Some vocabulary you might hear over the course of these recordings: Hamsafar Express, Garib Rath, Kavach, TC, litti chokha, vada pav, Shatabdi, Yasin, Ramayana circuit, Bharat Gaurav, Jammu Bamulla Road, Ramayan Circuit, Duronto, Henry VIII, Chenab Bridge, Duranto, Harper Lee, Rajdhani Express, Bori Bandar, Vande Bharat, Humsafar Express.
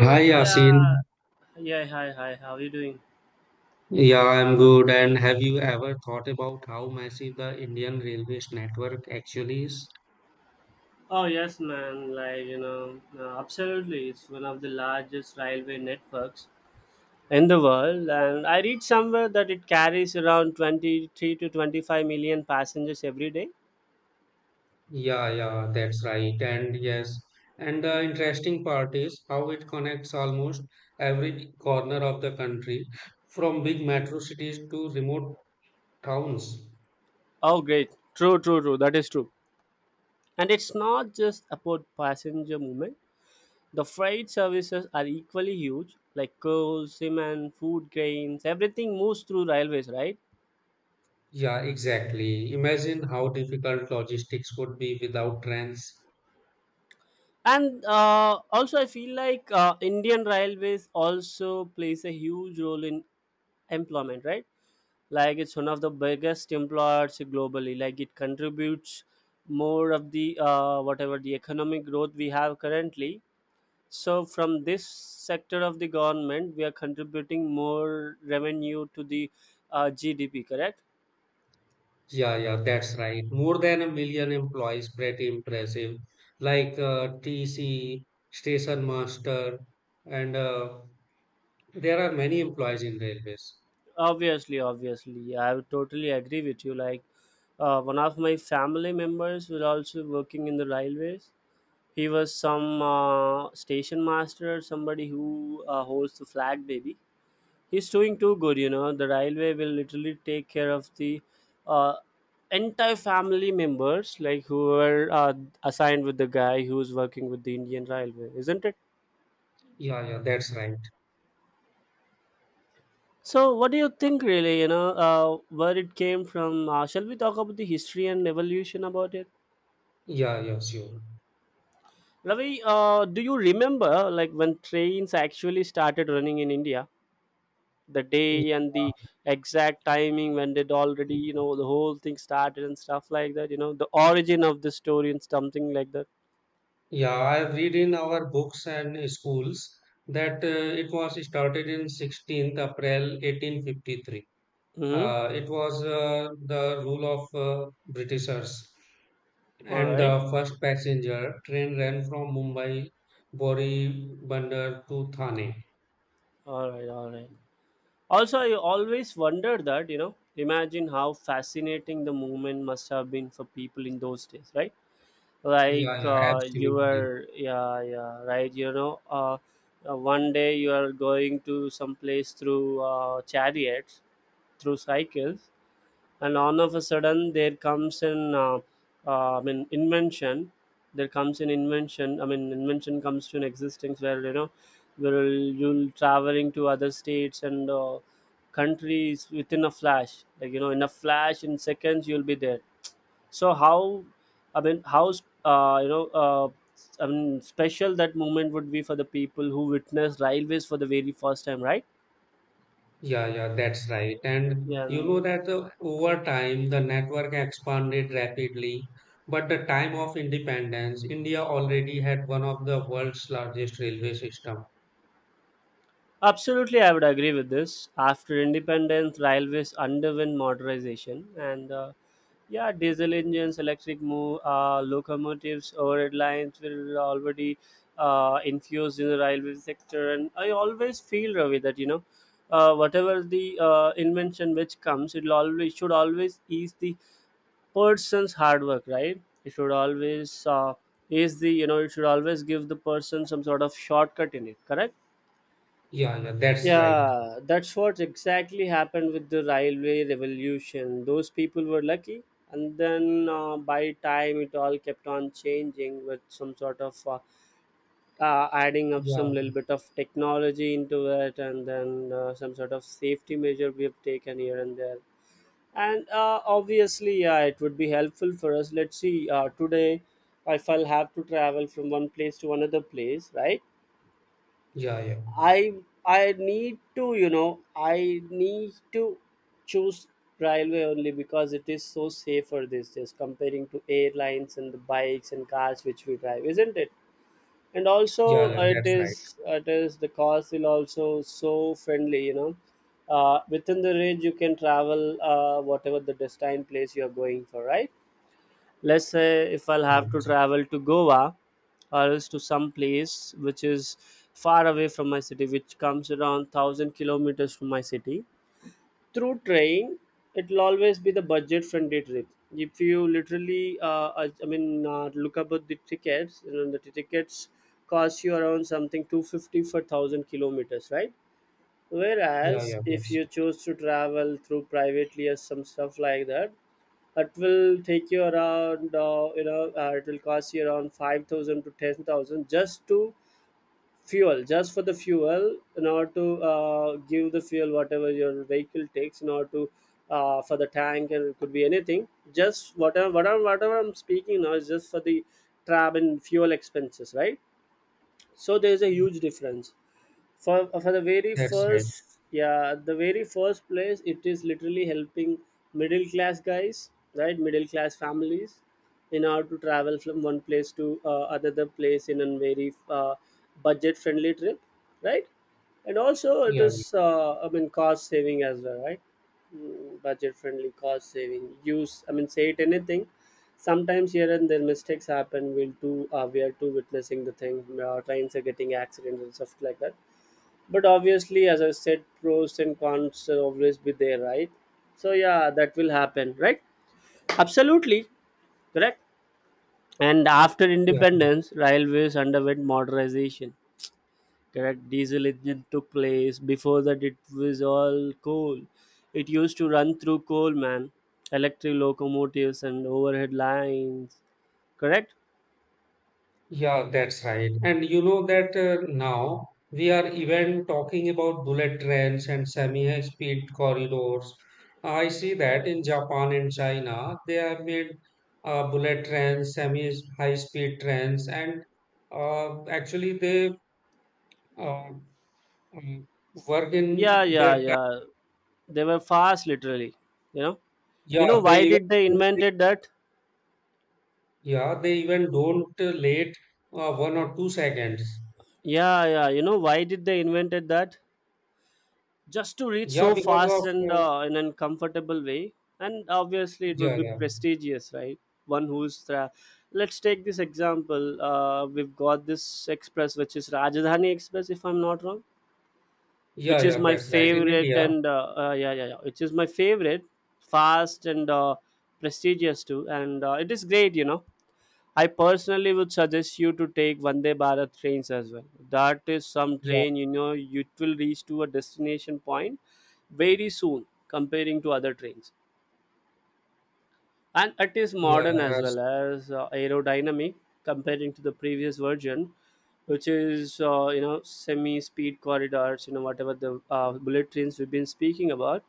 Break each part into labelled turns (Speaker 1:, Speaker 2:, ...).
Speaker 1: Hi
Speaker 2: yeah,
Speaker 1: Yasin.
Speaker 2: yeah, hi, hi. How are you doing?
Speaker 1: Yeah, I'm good. And have you ever thought about how massive the Indian railways network actually is?
Speaker 2: Oh yes, man. Like absolutely. It's one of the largest railway networks in the world, and I read somewhere that it carries around 23 to 25 million passengers every day.
Speaker 1: Yeah, yeah, that's right. And yes, and the interesting part is how it connects almost every corner of the country, from big metro cities to remote towns.
Speaker 2: Oh, great. True, true, true. That is true. And it's not just about passenger movement. The freight services are equally huge, like coal, cement, food grains. Everything moves through railways, right?
Speaker 1: Yeah, exactly. Imagine how difficult logistics would be without trains.
Speaker 2: And also I feel like Indian Railways also plays a huge role in employment, right? Like it's one of the biggest employers globally. Like it contributes more of the whatever the economic growth we have currently. So from this sector of the government, we are contributing more revenue to the GDP, correct?
Speaker 1: Yeah, yeah, that's right. More than a million employees, pretty impressive. Like TC, station master, and there are many employees in railways.
Speaker 2: Obviously, I would totally agree with you. Like one of my family members were also working in the railways. He was some station master, somebody who holds the flag, baby. He's doing too good. The railway will literally take care of the uh, entire family members, like who were assigned with the guy who's working with the Indian Railway, isn't it?
Speaker 1: Yeah, yeah, that's right.
Speaker 2: So, what do you think, really? Where it came from? Shall we talk about the history and evolution about it?
Speaker 1: Yeah, yeah, sure.
Speaker 2: Ravi, do you remember like when trains actually started running in India? The
Speaker 1: Yeah,
Speaker 2: day and the exact timing, when did already the whole thing started and stuff like that, the origin of the story and something like that.
Speaker 1: yeah, I've read in our books and schools that it was started in 16th April 1853.
Speaker 2: Mm-hmm.
Speaker 1: It was the rule of Britishers.
Speaker 2: All
Speaker 1: And the
Speaker 2: right.
Speaker 1: first passenger train ran from Mumbai, Bori Bandar to Thane.
Speaker 2: All right. All right. Also, I always wondered that, imagine how fascinating the movement must have been for people in those days, right?
Speaker 1: Yeah,
Speaker 2: Like
Speaker 1: yeah,
Speaker 2: you
Speaker 1: absolutely.
Speaker 2: were yeah, yeah, right, one day you are going to some place through chariots, through cycles. And all of a sudden, there comes an I mean, invention. There comes an invention. I mean, invention comes to an existence, where where you'll traveling to other states and countries within a flash, like in a flash, in seconds, you'll be there. So how, I mean, how, uh, you know uh, I mean, special that moment would be for the people who witnessed railways for the very first time, right?
Speaker 1: Yeah, yeah, that's right. And you
Speaker 2: And
Speaker 1: know that over time, the network expanded rapidly. But the time of independence, India already had one of the world's largest railway system.
Speaker 2: absolutely, I would agree with this. After independence, railways underwent modernization, and yeah, diesel engines, electric locomotives, overhead lines were already infused in the railway sector. And I always feel, Ravi, that whatever the invention which comes, it always should always ease the person's hard work, right? It should always ease the you know, it should always give the person some sort of shortcut in it, correct?
Speaker 1: Yeah, yeah, that's right.
Speaker 2: Yeah, that's what exactly happened with the railway revolution. Those people were lucky, and then by time it all kept on changing with some sort of adding up
Speaker 1: Yeah,
Speaker 2: some little bit of technology into it, and then some sort of safety measure we have taken here and there. And obviously, yeah, it would be helpful for us. Let's see, today, if I'll have to travel from one place to another place, right?
Speaker 1: yeah, yeah,
Speaker 2: I I need to, you know, I need to choose railway only because it is so safe for this, just comparing to airlines and the bikes and cars which we drive, isn't it? And
Speaker 1: yeah,
Speaker 2: also,
Speaker 1: yeah,
Speaker 2: it
Speaker 1: that's right.
Speaker 2: is it is the cost will also so friendly. Within the range, you can travel whatever the destined place you are going for, right? Let's say if I'll have to
Speaker 1: Right.
Speaker 2: travel to Goa, or else to some place which is far away from my city, which comes around 1000 kilometers from my city. Through train, it'll always be the budget friendly trip. If you literally I mean look about the tickets. The tickets cost you around something 250 for 1000 kilometers, right?
Speaker 1: Yeah,
Speaker 2: Whereas,
Speaker 1: yeah,
Speaker 2: if you choose to travel through privately or some stuff like that, it will take you around. It will cost you around 5,000 to 10,000 just to fuel, just for the fuel, in order to give the fuel whatever your vehicle takes, in order to for the tank, and it could be anything. Just whatever I'm speaking now is just for the travel and fuel expenses, right? So there is a huge difference. For the very
Speaker 1: that's right.
Speaker 2: first, yeah, the very first place, it is literally helping middle class guys, right, middle class families, in order to travel from one place to another place in a very budget friendly trip, right? And also it
Speaker 1: Yeah,
Speaker 2: is I mean cost saving as well, right? Budget friendly, cost saving, use, I mean, say it anything. Sometimes here and there mistakes happen, we are too witnessing the thing. Trains are getting accidents and stuff like that, but obviously, as I said, pros and cons will always be there, right? So yeah, that will happen, right? Absolutely. Correct. And after
Speaker 1: yeah.
Speaker 2: independence, railways underwent modernization, correct? Diesel engine took place. Before that, it was all coal. It used to run through coal, man. Electric locomotives and overhead lines, correct?
Speaker 1: Yeah, that's right. And you know that now we are even talking about bullet trains and semi-speed corridors. I see that in Japan and China, they have made bullet trains, semi-high-speed trains, and actually they uh, um, work
Speaker 2: Yeah,
Speaker 1: in their
Speaker 2: yeah,
Speaker 1: time.
Speaker 2: yeah, they were fast, literally, you know.
Speaker 1: Yeah,
Speaker 2: Why
Speaker 1: they even
Speaker 2: did they invented that?
Speaker 1: yeah, they even don't late 1 or 2 seconds.
Speaker 2: Yeah, yeah. You know, why did they invented that? Just to reach
Speaker 1: Yeah,
Speaker 2: so
Speaker 1: because of
Speaker 2: fast and in a comfortable way, and obviously, it
Speaker 1: yeah,
Speaker 2: would be
Speaker 1: yeah.
Speaker 2: prestigious, right? One who's tra- let's take this example. We've got this express, which is Rajdhani Express, if I'm not wrong,
Speaker 1: Yeah,
Speaker 2: which is
Speaker 1: yeah,
Speaker 2: my
Speaker 1: that's right. In
Speaker 2: favorite,
Speaker 1: India,
Speaker 2: and yeah, yeah, yeah, which is my favorite, fast and prestigious too, and it is great. I personally would suggest you to take Vande Bharat trains as well. That is some
Speaker 1: yeah,
Speaker 2: train, you know, you it will reach to a destination point very soon comparing to other trains. And it is
Speaker 1: yeah,
Speaker 2: modern as well as aerodynamic comparing to the previous version, which is, semi speed corridors, whatever the bullet trains we've been speaking about.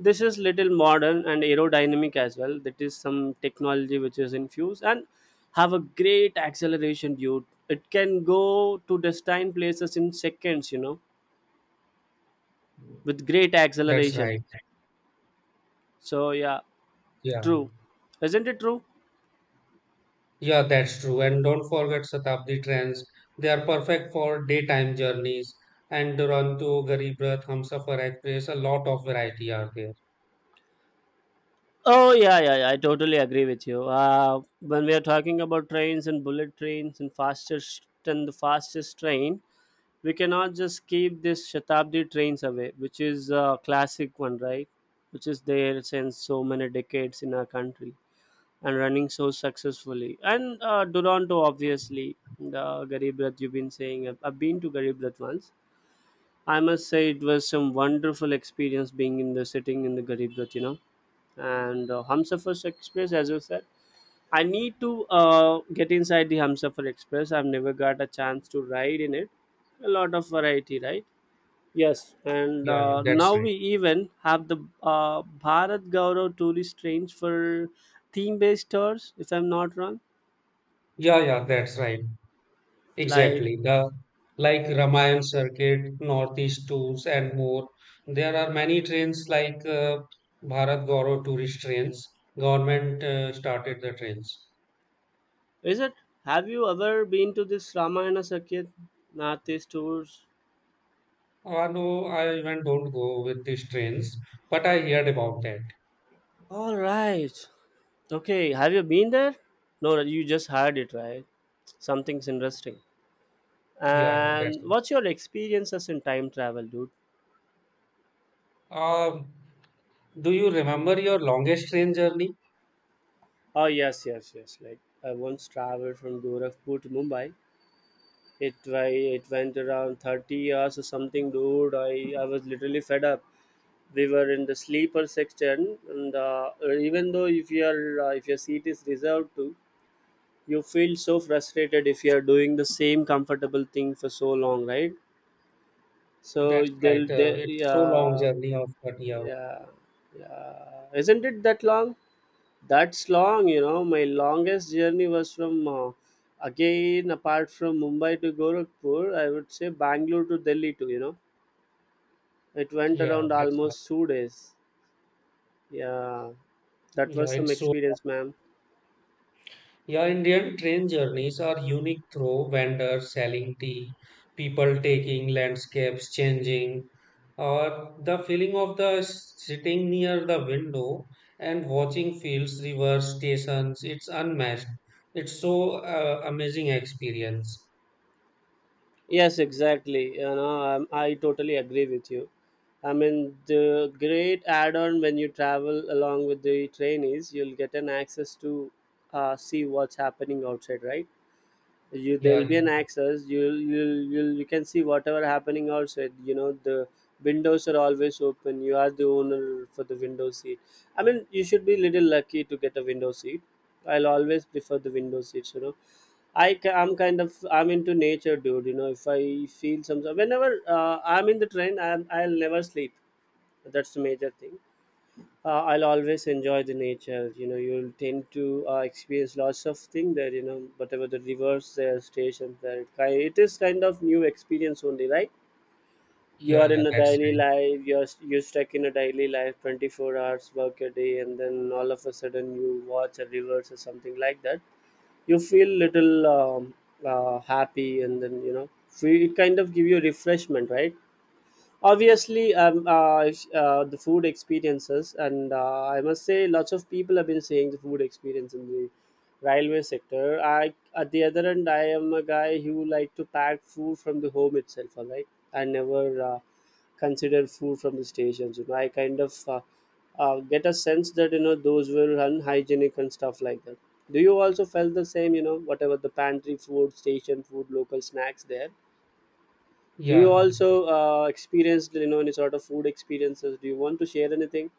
Speaker 2: This is little modern and aerodynamic as well. That is some technology which is infused and have a great acceleration due. It can go to destined places in seconds, with great
Speaker 1: that's
Speaker 2: acceleration.
Speaker 1: right.
Speaker 2: So yeah,
Speaker 1: Yeah,
Speaker 2: true. Isn't it true?
Speaker 1: yeah, that's true. And don't forget Shatabdi trains. They are perfect for daytime journeys. And Duronto, Garib Rath, Hamsafar Express, a lot of variety are there.
Speaker 2: Oh yeah, yeah, yeah, I totally agree with you. When we are talking about trains and bullet trains and fastest and the fastest train, we cannot just keep this shatabdi trains away, which is a classic one, right, which is there since so many decades in our country and running so successfully. And duranto, obviously, the garib Rath you've been saying, I've been to garib Rath once. I must say it was some wonderful experience, being in the sitting in the garib Rath. And Humsafar Express, as you said, I need to get inside the Humsafar Express. I've never got a chance to ride in it. A lot of variety, right? Yes, and
Speaker 1: Yeah, yeah, that's
Speaker 2: now
Speaker 1: right.
Speaker 2: we even have the Bharat Gaurav tourist trains for theme-based tours, if I'm not wrong.
Speaker 1: Yeah, yeah, that's right.
Speaker 2: Like,
Speaker 1: Exactly. The Like Ramayan Circuit, Northeast Tours, and more. There are many trains like Bharat Gaurav tourist trains. Government started the trains.
Speaker 2: is it? Have you ever been to this Ramayana circuit, Northeast tours?
Speaker 1: No, I even don't go with these trains, but I heard about that.
Speaker 2: All right. Okay. Have you been there? No, no, you just heard it, right? Something's interesting.
Speaker 1: Yeah, yeah, that's
Speaker 2: And what's your experiences in time travel, dude?
Speaker 1: right. Do you remember your longest train journey?
Speaker 2: Oh yes, yes, yes. Like I once traveled from Gorakhpur to Mumbai. It went around 30 hours or something, dude. I was literally fed up. We were in the sleeper section, and even though, if you are if your seat is reserved to, you feel so frustrated if you are doing the same comfortable thing for so long, right? So
Speaker 1: That's right.
Speaker 2: they'll they
Speaker 1: It's so long
Speaker 2: yeah,
Speaker 1: journey of 30 hours.
Speaker 2: yeah, yeah. Isn't it that long? That's long. My longest journey was from again apart from Mumbai to Gorakhpur, I would say Bangalore to Delhi too. It went
Speaker 1: Yeah,
Speaker 2: around
Speaker 1: that's right.
Speaker 2: almost two days. Yeah, that
Speaker 1: Yeah,
Speaker 2: was some
Speaker 1: it's so
Speaker 2: experience, ma'am.
Speaker 1: Yeah, Indian train journeys are unique through vendors selling tea, people taking landscapes changing, or the feeling of the sitting near the window and watching fields, rivers, stations. It's unmatched. It's so amazing experience.
Speaker 2: Yes, exactly. I totally agree with you. I mean, the great add-on when you travel along with the train is, you'll get an access to see what's happening outside, right? you
Speaker 1: Yeah,
Speaker 2: There'll be
Speaker 1: yeah,
Speaker 2: an access, you can see whatever happening outside, the windows are always open, you are the owner for the window seat. I mean, you should be little lucky to get a window seat. I'll always prefer the window seats. I'm kind of I'm into nature, dude. If I feel some whenever I'm in the train, I'll never sleep. That's the major thing. I'll always enjoy the nature. You know, you'll tend to experience lots of things there. You know, whatever the rivers there, stations there, it is kind of new experience only, right? You
Speaker 1: yeah,
Speaker 2: are
Speaker 1: yeah.
Speaker 2: in a
Speaker 1: That's
Speaker 2: daily life. You're stuck in a daily life, 24 hours work a day, and then all of a sudden you watch a rivers or something like that. You feel little happy, and
Speaker 1: right.
Speaker 2: then you know, free, it kind of give you refreshment, right? Obviously the food experiences and I must say lots of people have been saying the food experience in the railway sector. I at the other end, I am a guy who like to pack food from the home itself, all right? I never uh, consider food from the stations. You know, I kind of get a sense that, you know, those were unhygienic and stuff like that. Do you also felt the same, you know, whatever the pantry food, station food, local snacks there? Do you
Speaker 1: Yeah.
Speaker 2: also experienced, you know, any sort of food experiences? Do you want to share anything?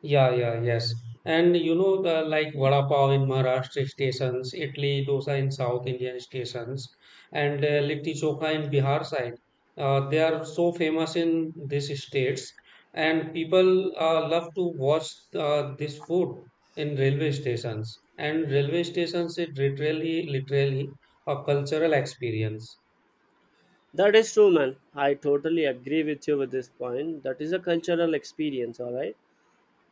Speaker 1: Yeah, yeah, yes. And you know the like vada pav in Maharashtra stations, Italy dosa in South Indian stations, and litti chokha in Bihar side. They are so famous in these states, and people love to watch this food in railway stations. And railway stations it literally a cultural experience.
Speaker 2: That is true, man. I totally agree with you with this point. That is a cultural experience, all right.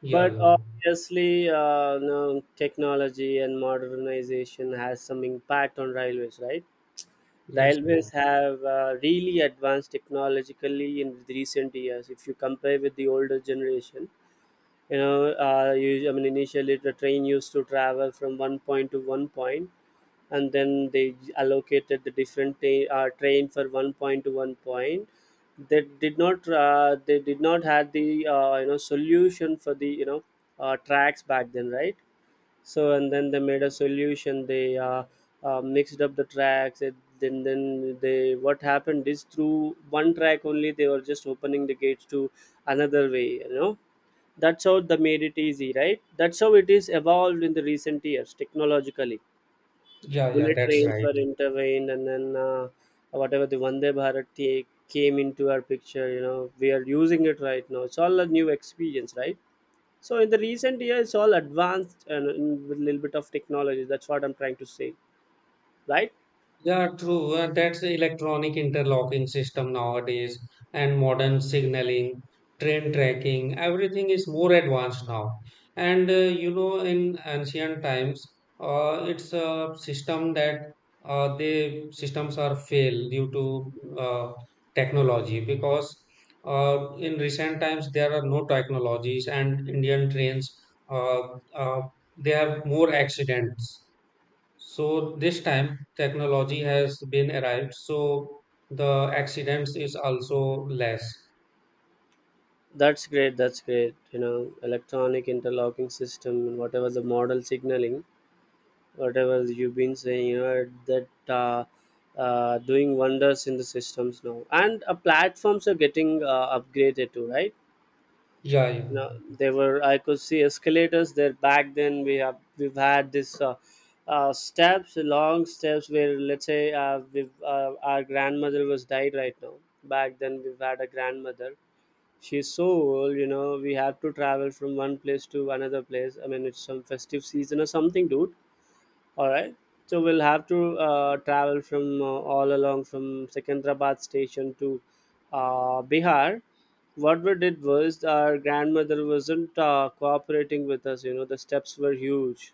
Speaker 1: Yeah,
Speaker 2: But
Speaker 1: yeah,
Speaker 2: obviously, no, technology and modernization has some impact on railways, right?
Speaker 1: that's
Speaker 2: Railways
Speaker 1: right.
Speaker 2: have really advanced technologically in the recent years. If you compare with the older generation, you know, I mean, initially the train used to travel from one point to one point, and then they allocated the different train for one point to one point. They did not had the you know solution for the, you know, tracks back then, right? So and then they made a solution. They mixed up the tracks. It, then then they what happened is through one track only they were just opening the gates to another way, you know. That's how they made it easy, right? That's how it is evolved in the recent years technologically.
Speaker 1: Yeah, yeah,
Speaker 2: Bullet
Speaker 1: that's
Speaker 2: trains
Speaker 1: right.
Speaker 2: were intervened, and then whatever the Vande Bharat came into our picture, you know, we are using it right now. It's all a new experience, right? So in the recent year, it's all advanced, and with a little bit of technology. That's what I'm trying to say, right?
Speaker 1: Yeah, true. That's the electronic interlocking system nowadays and modern signaling, train tracking, everything is more advanced now. And you know, in ancient times, it's a system that the systems are fail due to technology because in recent times there are no technologies and Indian trains uh, uh, they have more accidents, so this time technology has been arrived, so the accidents is also less.
Speaker 2: That's great. That's great. You know, electronic interlocking system and whatever the model signaling, whatever you've been saying, you know, that uh, doing wonders in the systems now. And platforms are getting upgraded too, right?
Speaker 1: Yeah, yeah,
Speaker 2: You know, they were, I could see escalators there. Back then we have, we've had this steps, long steps. Where let's say our grandmother was died right now, back then we've had a grandmother. She's so old, you know. We have to travel from one place to another place, I mean, it's some festive season or something, dude, all right. So we'll have to travel from all along from Secunderabad station to Bihar. What we did was, our grandmother wasn't cooperating with us. You know, the steps were huge.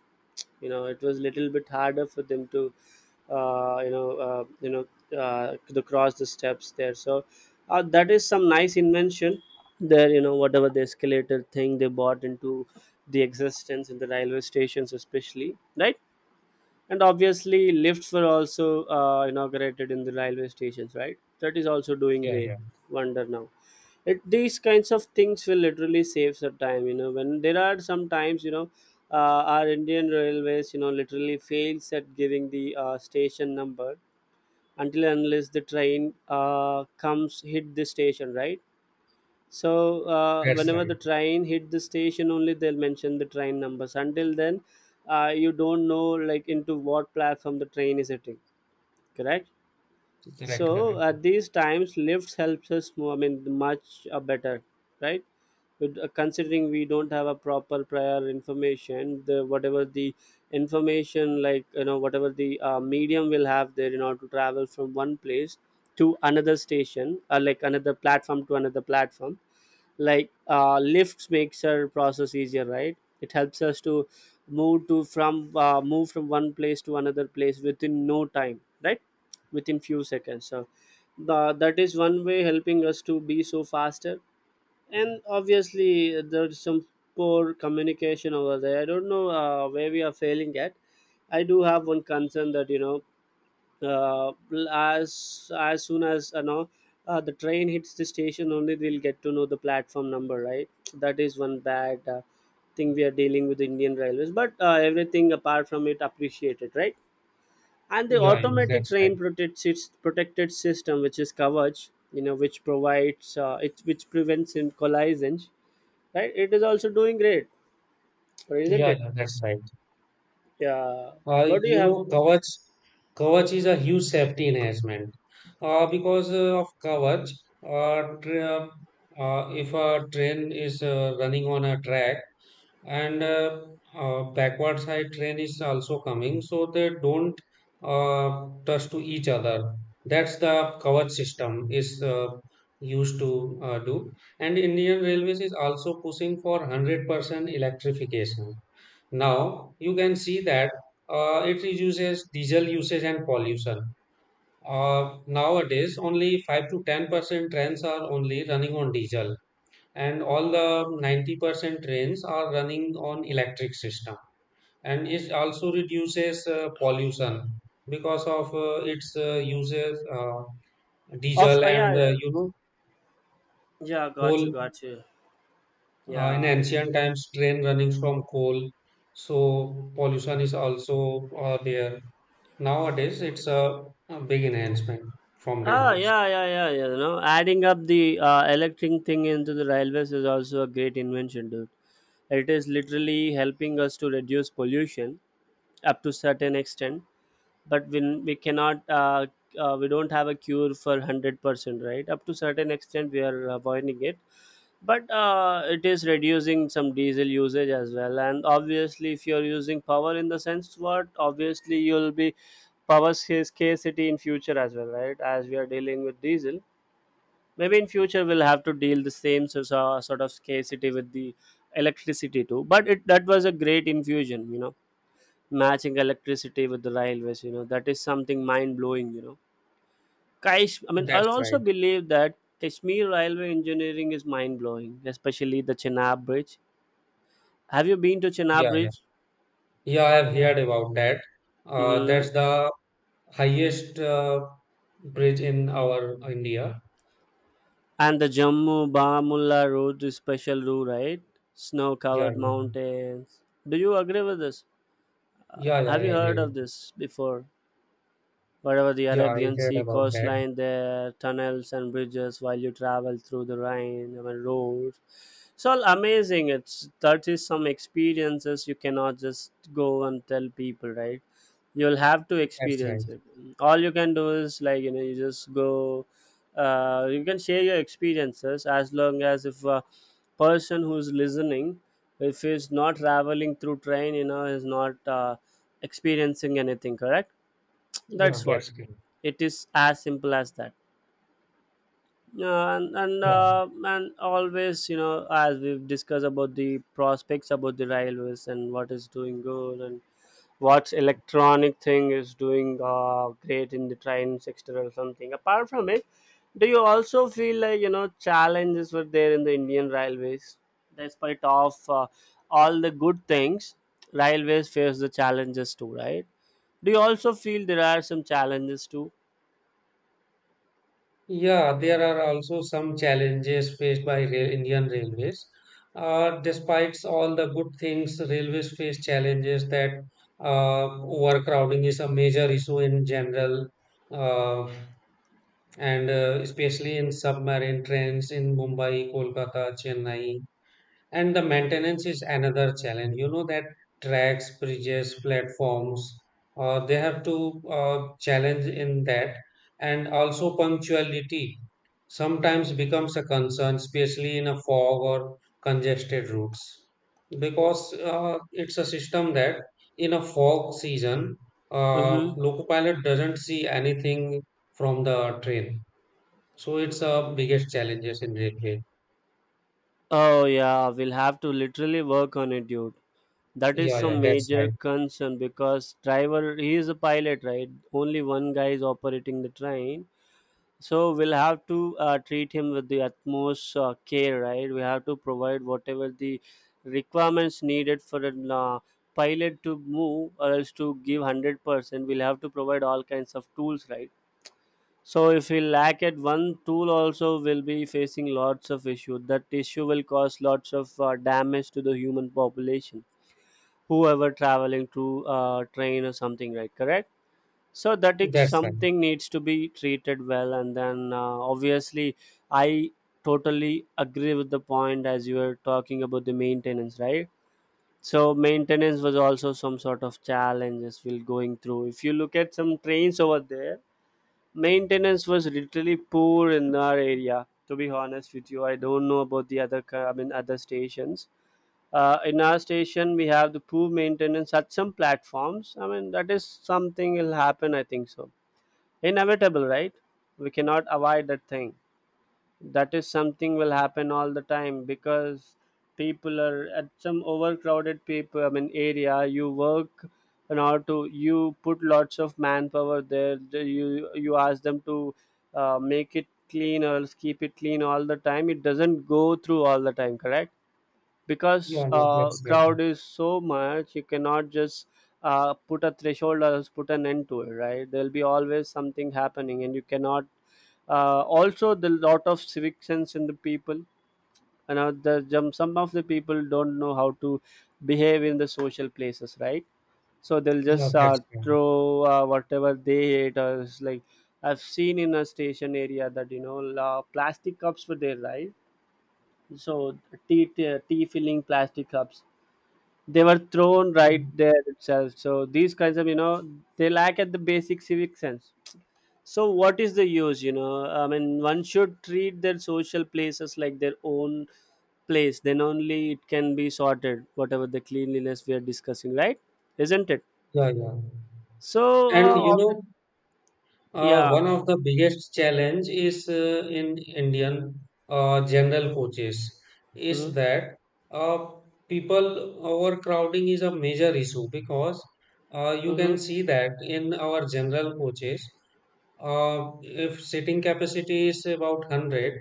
Speaker 2: You know, it was little bit harder for them to, uh, you know, uh, you know, to cross the steps there. So that is some nice invention there. You know, whatever the escalator thing they bought into the existence in the railway stations, especially, right? And obviously lifts were also inaugurated in the railway stations, right? That is also doing
Speaker 1: yeah,
Speaker 2: great
Speaker 1: yeah.
Speaker 2: wonder now. These kinds of things will literally save some time, you know. When there are some times, you know, our Indian railways, you know, literally fails at giving the station number until and unless the train comes hit the station, right? So
Speaker 1: That's
Speaker 2: whenever
Speaker 1: right.
Speaker 2: the train hit the station, only they'll mention the train numbers. Until then, you don't know like into what platform the train is hitting. Correct.
Speaker 1: Correct,
Speaker 2: So
Speaker 1: correct.
Speaker 2: at these times, lifts helps us. I mean, much better, right? But considering we don't have a proper prior information, the whatever the information, like, you know, whatever the medium will have there in order to travel from one place to another station, or like another platform to another platform, like, lifts makes our process easier, right? It helps us to move from one place to another place within no time, right, within few seconds. So that is one way helping us to be so faster. And obviously there's some poor communication over there. I don't know where we are failing at. I do have one concern that, you know, uh, as as soon as, you know, the train hits the station only they'll get to know the platform number, right? That is one bad thing we are dealing with Indian railways. But everything apart from it appreciated, right? And the
Speaker 1: Yeah, yeah,
Speaker 2: automatic
Speaker 1: that's right.
Speaker 2: train protected system, which is coverage, you know, which provides it which prevents in collisions, right? It is also doing great, isn't
Speaker 1: Yeah,
Speaker 2: it?
Speaker 1: yeah, that's right.
Speaker 2: Yeah. What do you
Speaker 1: You
Speaker 2: have?
Speaker 1: know, Kavach, Kavach is a huge safety enhancement. Because of Kavach, uh, tra- if a train is running on a track, and backward side train is also coming, so they don't touch to each other. That's the coverage system is used to do. And Indian railways is also pushing for 100% electrification. Now you can see that it reduces diesel usage and pollution. Nowadays only 5 to 10% trains are only running on diesel, and all the 90% trains are running on electric system, and it also reduces pollution because of its uses
Speaker 2: Of
Speaker 1: diesel
Speaker 2: yeah,
Speaker 1: and
Speaker 2: yeah,
Speaker 1: you know,
Speaker 2: yeah.
Speaker 1: coal.
Speaker 2: Got you, got you.
Speaker 1: In
Speaker 2: Yeah.
Speaker 1: ancient times train running from coal, so pollution is also there. Nowadays it's a big enhancement from
Speaker 2: Ah,
Speaker 1: railways.
Speaker 2: yeah, yeah, yeah, yeah. You know, adding up the electric thing into the railways is also a great invention, dude. It is literally helping us to reduce pollution up to certain extent, but when we cannot, we don't have a cure for 100%, right? Up to certain extent, we are avoiding it, but it is reducing some diesel usage as well. And obviously if you're using power, in the sense what, obviously you'll be power scarcity in future as well, right? As we are dealing with diesel, maybe in future we'll have to deal the same sort of scarcity with the electricity too. But it, that was a great infusion, you know, matching electricity with the railways, you know. That is something mind blowing, you know. Kaish, I mean, I'll
Speaker 1: That's
Speaker 2: also
Speaker 1: right.
Speaker 2: believe that Kashmir railway engineering is mind blowing, especially the Chenab bridge. Have you been to Chenab
Speaker 1: Yeah, yeah,
Speaker 2: Bridge?
Speaker 1: yeah, I've heard about that.
Speaker 2: Mm-hmm.
Speaker 1: That's the highest bridge in our India.
Speaker 2: And the Jammu Bamulla Road is special route, right? Snow
Speaker 1: Yeah,
Speaker 2: covered mountains. Do you agree with this? Uh,
Speaker 1: yeah, yeah,
Speaker 2: have
Speaker 1: yeah.
Speaker 2: you
Speaker 1: I
Speaker 2: heard
Speaker 1: agree.
Speaker 2: of this before? Whatever the
Speaker 1: Yeah, I
Speaker 2: Arabian
Speaker 1: heard
Speaker 2: Sea
Speaker 1: about that.
Speaker 2: coastline, there tunnels and bridges while you travel through the Rhine, I mean, roads. It's all amazing. It's, that is some experiences you cannot just go and tell people, right? You'll have to
Speaker 1: That's right.
Speaker 2: experience it. All you can do is, like, you know, you just go. You can share your experiences, as long as, if a person who's listening, if he's not traveling through train, you know, is not experiencing anything, correct.
Speaker 1: Yeah,
Speaker 2: That's what
Speaker 1: that's great.
Speaker 2: it is, as simple as that. Yeah, and and
Speaker 1: Yeah,
Speaker 2: uh, and always, you know, as we've discussed about the prospects about the railways and what is doing good and what's electronic thing is doing great in the train sector or something. Apart from it, do you also feel like, you know, challenges were there in the Indian railways? Despite of all the good things, railways face the challenges too, right? Do you also feel there are some challenges too?
Speaker 1: yeah. There are also some challenges faced by Indian railways. Despite all the good things, railways face challenges that uh, overcrowding is a major issue in general, uh, and especially in submarine trains in Mumbai, Kolkata, Chennai. And the maintenance is another challenge. You know that tracks, bridges, platforms, they have to challenge in that. And also punctuality sometimes becomes a concern, especially in a fog or congested routes, because it's a system that in a fog season,
Speaker 2: Mm-hmm.
Speaker 1: loco pilot doesn't see anything from the train. So it's a biggest challenges in railway.
Speaker 2: Oh yeah, we'll have to literally work on it, dude. That is
Speaker 1: Yeah, yeah,
Speaker 2: some
Speaker 1: that's
Speaker 2: major
Speaker 1: right.
Speaker 2: concern, because driver, he is a pilot, right? Only one guy is operating the train. So we'll have to treat him with the utmost care, right? We have to provide whatever the requirements needed for a uh, pilot to move, or else to give 100%. We'll have to provide all kinds of tools, right? So if we lack at one tool also, we'll be facing lots of issue. That issue will cause lots of damage to the human population, whoever traveling to train or something, right? Correct? So that is
Speaker 1: That's right.
Speaker 2: something needs to be treated well, and then obviously I totally agree with the point as you were talking about the maintenance, right? So maintenance was also some sort of challenges we're going through. If you look at some trains over there, maintenance was literally poor in our area, to be honest with you. I don't know about the I mean other stations. In our station we have the poor maintenance at some platforms. I mean, that is something will happen, I think so. Inevitable, right? We cannot avoid that thing. That is something will happen all the time, because people are at some overcrowded people, I mean, area you work. In order to, you put lots of manpower there. You ask them to make it clean, or else keep it clean all the time. It doesn't go through all the time, correct? Because
Speaker 1: Yeah, yeah, that's right.
Speaker 2: crowd is so much, you cannot just put a threshold or else put an end to it, right? There'll be always something happening, and you cannot also the lot of civic sense in the people. You know, the some of the people don't know how to behave in the social places, right? So they'll
Speaker 1: Yeah,
Speaker 2: just
Speaker 1: that's right.
Speaker 2: throw whatever they hate, or it's like I've seen in a station area that, you know, plastic cups were there, right? So tea filling plastic cups, they were thrown right
Speaker 1: Um,
Speaker 2: there itself. So these kinds of, you know, they lack at the basic civic sense. So what is the use, you know, I mean, one should treat their social places like their own place, then only it can be sorted, whatever the cleanliness we are discussing, right? Isn't it?
Speaker 1: yeah, yeah.
Speaker 2: so
Speaker 1: And
Speaker 2: uh,
Speaker 1: you
Speaker 2: ob-
Speaker 1: know,
Speaker 2: yeah.
Speaker 1: one of the biggest challenge is in Indian general coaches, is
Speaker 2: Mm-hmm,
Speaker 1: that uh, people overcrowding is a major issue because you can
Speaker 2: mm-hmm.
Speaker 1: see that in our general coaches, if sitting capacity is about 100,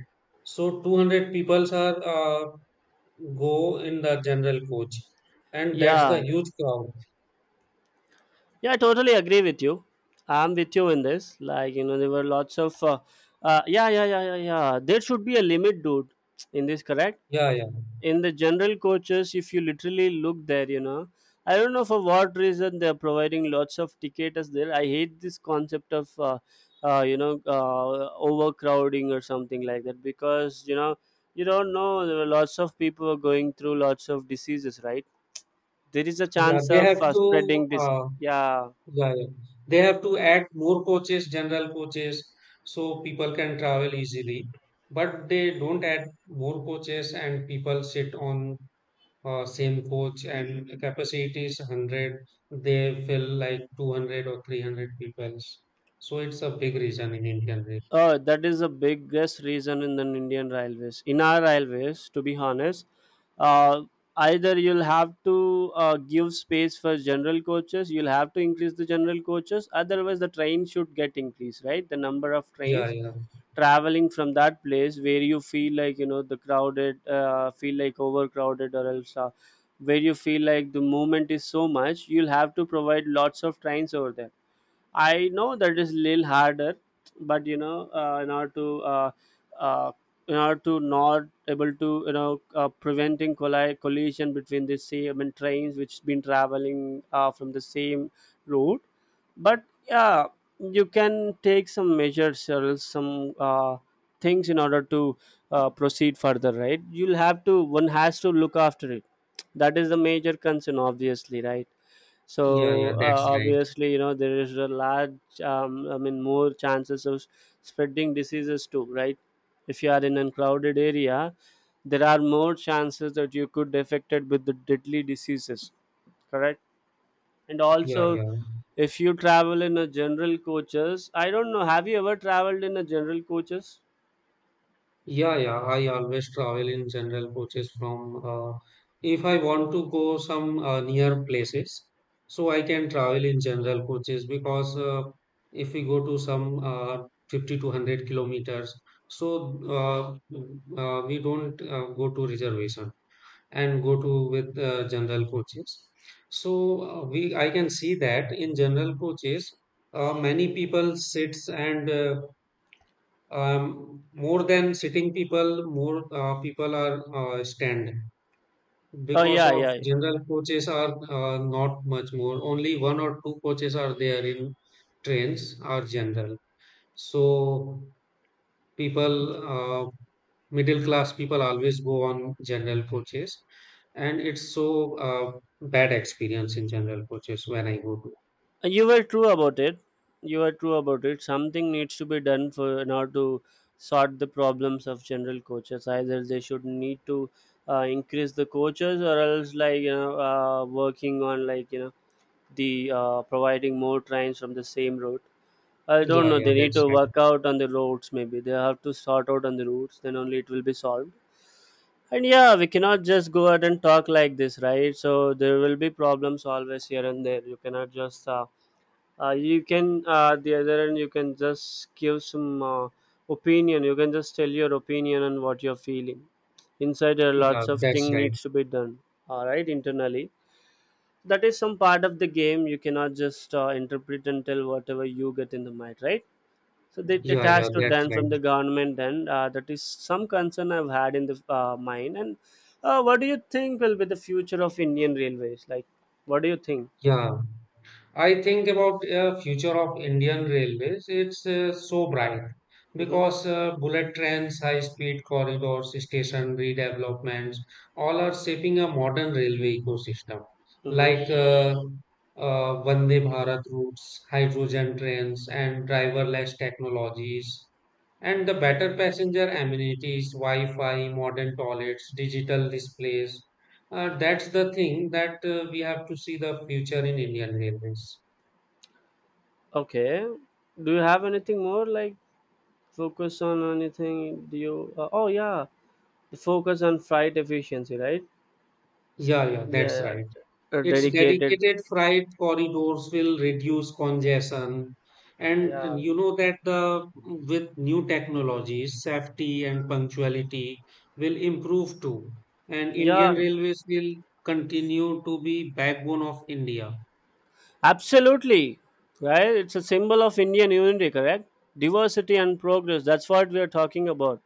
Speaker 1: so 200 people are go in the general coach, and that's the
Speaker 2: Yeah,
Speaker 1: huge crowd.
Speaker 2: yeah, I totally agree with you. I'm with you in this, like, you know, there were lots of yeah, yeah, yeah, yeah, yeah, there should be a limit, dude, in this. Correct.
Speaker 1: Yeah, yeah.
Speaker 2: In the general coaches, if you literally look there, you know, I don't know for what reason they're providing lots of tickets there. I hate this concept of you know, overcrowding or something like that, because, you know, you don't know, there are lots of people are going through lots of diseases, right? There is a
Speaker 1: Yeah,
Speaker 2: chance
Speaker 1: they
Speaker 2: of
Speaker 1: have to
Speaker 2: spreading this. Yeah.
Speaker 1: yeah, yeah. They have to add more coaches, general coaches, so people can travel easily. But they don't add more coaches and people sit on same coach and the capacity is 100. They fill like 200 or 300 people. So it's a big reason in Indian Rail.
Speaker 2: That is the biggest reason in the Indian railways. In our railways, to be honest, uh, either you'll have to give space for general coaches, you'll have to increase the general coaches, otherwise, the train should get increased, right? The number of
Speaker 1: Yeah,
Speaker 2: trains
Speaker 1: yeah.
Speaker 2: traveling from that place where you feel like, you know, the crowded, feel like overcrowded, or else where you feel like the movement is so much, you'll have to provide lots of trains over there. I know that is little harder, but you know, uh, in order to not able to, you know, preventing collision between the same, I mean, trains which been traveling from the same route, but yeah, you can take some measures or else some things in order to proceed further, right? You'll have to, one has to look after it. That is the major concern, obviously, right?
Speaker 1: Yeah, yeah,
Speaker 2: So
Speaker 1: that's right.
Speaker 2: obviously, you know, there is a large I mean, more chances of spreading diseases too, right? If you are in a crowded area, there are more chances that you could affected with the deadly diseases. Correct. And
Speaker 1: Yeah,
Speaker 2: also,
Speaker 1: yeah.
Speaker 2: if you travel in a general coaches, I don't know, have you ever traveled in a general coaches?
Speaker 1: Yeah, yeah. I always travel in general coaches from if I want to go some near places, so I can travel in general coaches because if we go to some 50 to 100 kilometers, so we don't go to reservation and go to with general coaches. So we I can see that in general coaches, many people sits and more than sitting people, more people are stand
Speaker 2: Oh
Speaker 1: because
Speaker 2: yeah,
Speaker 1: of
Speaker 2: yeah, yeah.
Speaker 1: general coaches are not much more. Only one or two coaches are there in trains are general. So people, middle class people always go on general coaches, and it's so bad experience in general coaches when I go to.
Speaker 2: You were true about it. You were true about it. Something needs to be done for, in order to sort the problems of general coaches. Either they should need to increase the coaches, or else, like, you know, working on, like, you know, the providing more trains from the same route. I don't
Speaker 1: Yeah,
Speaker 2: know,
Speaker 1: yeah,
Speaker 2: they need
Speaker 1: that's
Speaker 2: to
Speaker 1: right.
Speaker 2: work out on the routes. Maybe they have to sort out on the routes, then only it will be solved. And yeah, we cannot just go out and talk like this, right? So there will be problems always here and there, you cannot just you can, the other end you can just give some opinion, you can just tell your opinion on what you're feeling inside. There are
Speaker 1: Yeah,
Speaker 2: lots of
Speaker 1: that's
Speaker 2: thing
Speaker 1: right.
Speaker 2: needs to be done, all right, internally. That is some part of the game. You cannot just interpret and tell whatever you get in the mind, right? So that, it
Speaker 1: Yeah, yeah,
Speaker 2: has to
Speaker 1: that's
Speaker 2: done
Speaker 1: right.
Speaker 2: from the government, and that is some concern I've had in the mind. And what do you think will be the future of Indian railways, like, what do you think?
Speaker 1: Yeah. I think about future of Indian railways. It's so bright
Speaker 2: Mm-hmm.
Speaker 1: because bullet trains, high speed corridors, station redevelopments, all are shaping a modern railway ecosystem.
Speaker 2: Mm-hmm.
Speaker 1: Like Vande Bharat routes, hydrogen trains, and driverless technologies, and the better passenger amenities, Wi-Fi, modern toilets, digital displays. That's the thing that we have to see the future in Indian railways.
Speaker 2: Okay. Do you have anything more, like, focus on anything? Do you? Oh yeah, the focus on freight efficiency, right?
Speaker 1: Yeah, yeah, that's
Speaker 2: Yeah,
Speaker 1: right. Its
Speaker 2: dedicated.
Speaker 1: dedicated freight corridors will reduce congestion. And
Speaker 2: Yeah,
Speaker 1: you know that the with new technologies, safety and punctuality will improve too. And Indian
Speaker 2: yeah,
Speaker 1: Railways will continue to be backbone of India.
Speaker 2: absolutely. Right. It's a symbol of Indian unity, correct? Diversity and progress. That's what we are talking about.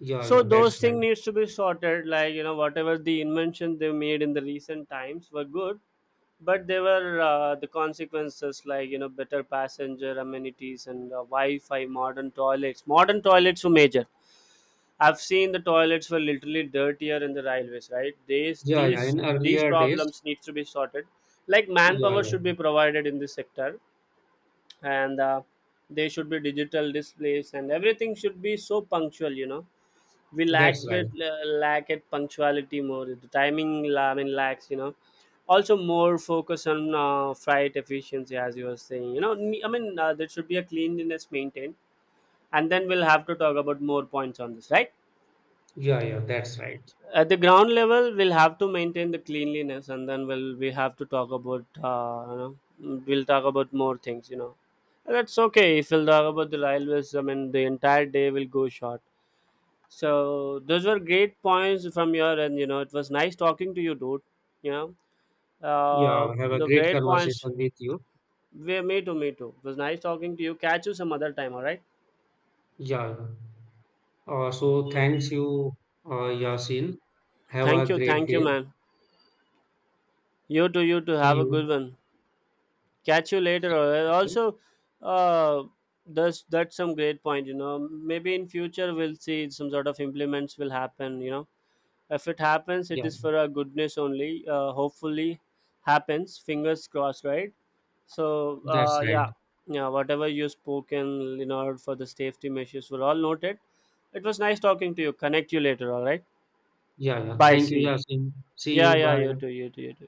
Speaker 1: Yeah,
Speaker 2: So
Speaker 1: yeah,
Speaker 2: those
Speaker 1: that's right.
Speaker 2: things needs to be sorted. Like, you know, whatever the invention they made in the recent times were good, but there were the consequences, like, you know, better passenger amenities and Wi-Fi, modern toilets were major. I've seen the toilets were literally dirtier in the railways, right? these
Speaker 1: Yeah, yeah,
Speaker 2: these
Speaker 1: in
Speaker 2: these
Speaker 1: earlier days.
Speaker 2: problems needs to be sorted, like,
Speaker 1: Yeah,
Speaker 2: manpower
Speaker 1: yeah,
Speaker 2: should be provided in this sector. And they should be digital displays, and everything should be so punctual, you know. We lack
Speaker 1: that's right.
Speaker 2: with lack at punctuality, more the timing I mean, lacks, you know. Also more focus on freight efficiency, as you were saying, you know, I mean, there should be a cleanliness maintained, and then we'll have to talk about more points on this, right?
Speaker 1: Yeah, yeah, that's right.
Speaker 2: At the ground level, we'll have to maintain the cleanliness, and then we have to talk about you know, mm, we'll talk about more things, you know. And that's okay, if we'll talk about the railways, I mean, the entire day will go short. So those were great points from your end, you know. It was nice talking to you, dude, you know, uh,
Speaker 1: Yeah, have a
Speaker 2: the
Speaker 1: great
Speaker 2: great points.
Speaker 1: conversation with you.
Speaker 2: We me too me too It was nice talking to you, catch you some other time, all right.
Speaker 1: Yeah. So thanks you, Yasin. Have a
Speaker 2: Thank you,
Speaker 1: great
Speaker 2: thank you,
Speaker 1: day.
Speaker 2: man, you too, you too,
Speaker 1: See
Speaker 2: have a good
Speaker 1: you.
Speaker 2: one. Catch you later.
Speaker 1: See you.
Speaker 2: Also uh that's some great point, you know. Maybe in future we'll see some sort of implements will happen, you know. If it happens, it
Speaker 1: Yeah,
Speaker 2: is for our goodness only. Uh, hopefully happens, fingers crossed, right? So
Speaker 1: that's right.
Speaker 2: yeah, yeah, whatever you spoken, in order for the safety measures were all noted. It was nice talking to you, connect you later, all right.
Speaker 1: Yeah, yeah.
Speaker 2: Bye,
Speaker 1: Thank you,
Speaker 2: see you.
Speaker 1: Yasin. See
Speaker 2: Yeah,
Speaker 1: you.
Speaker 2: yeah, you
Speaker 1: Bye.
Speaker 2: too, you too, you too.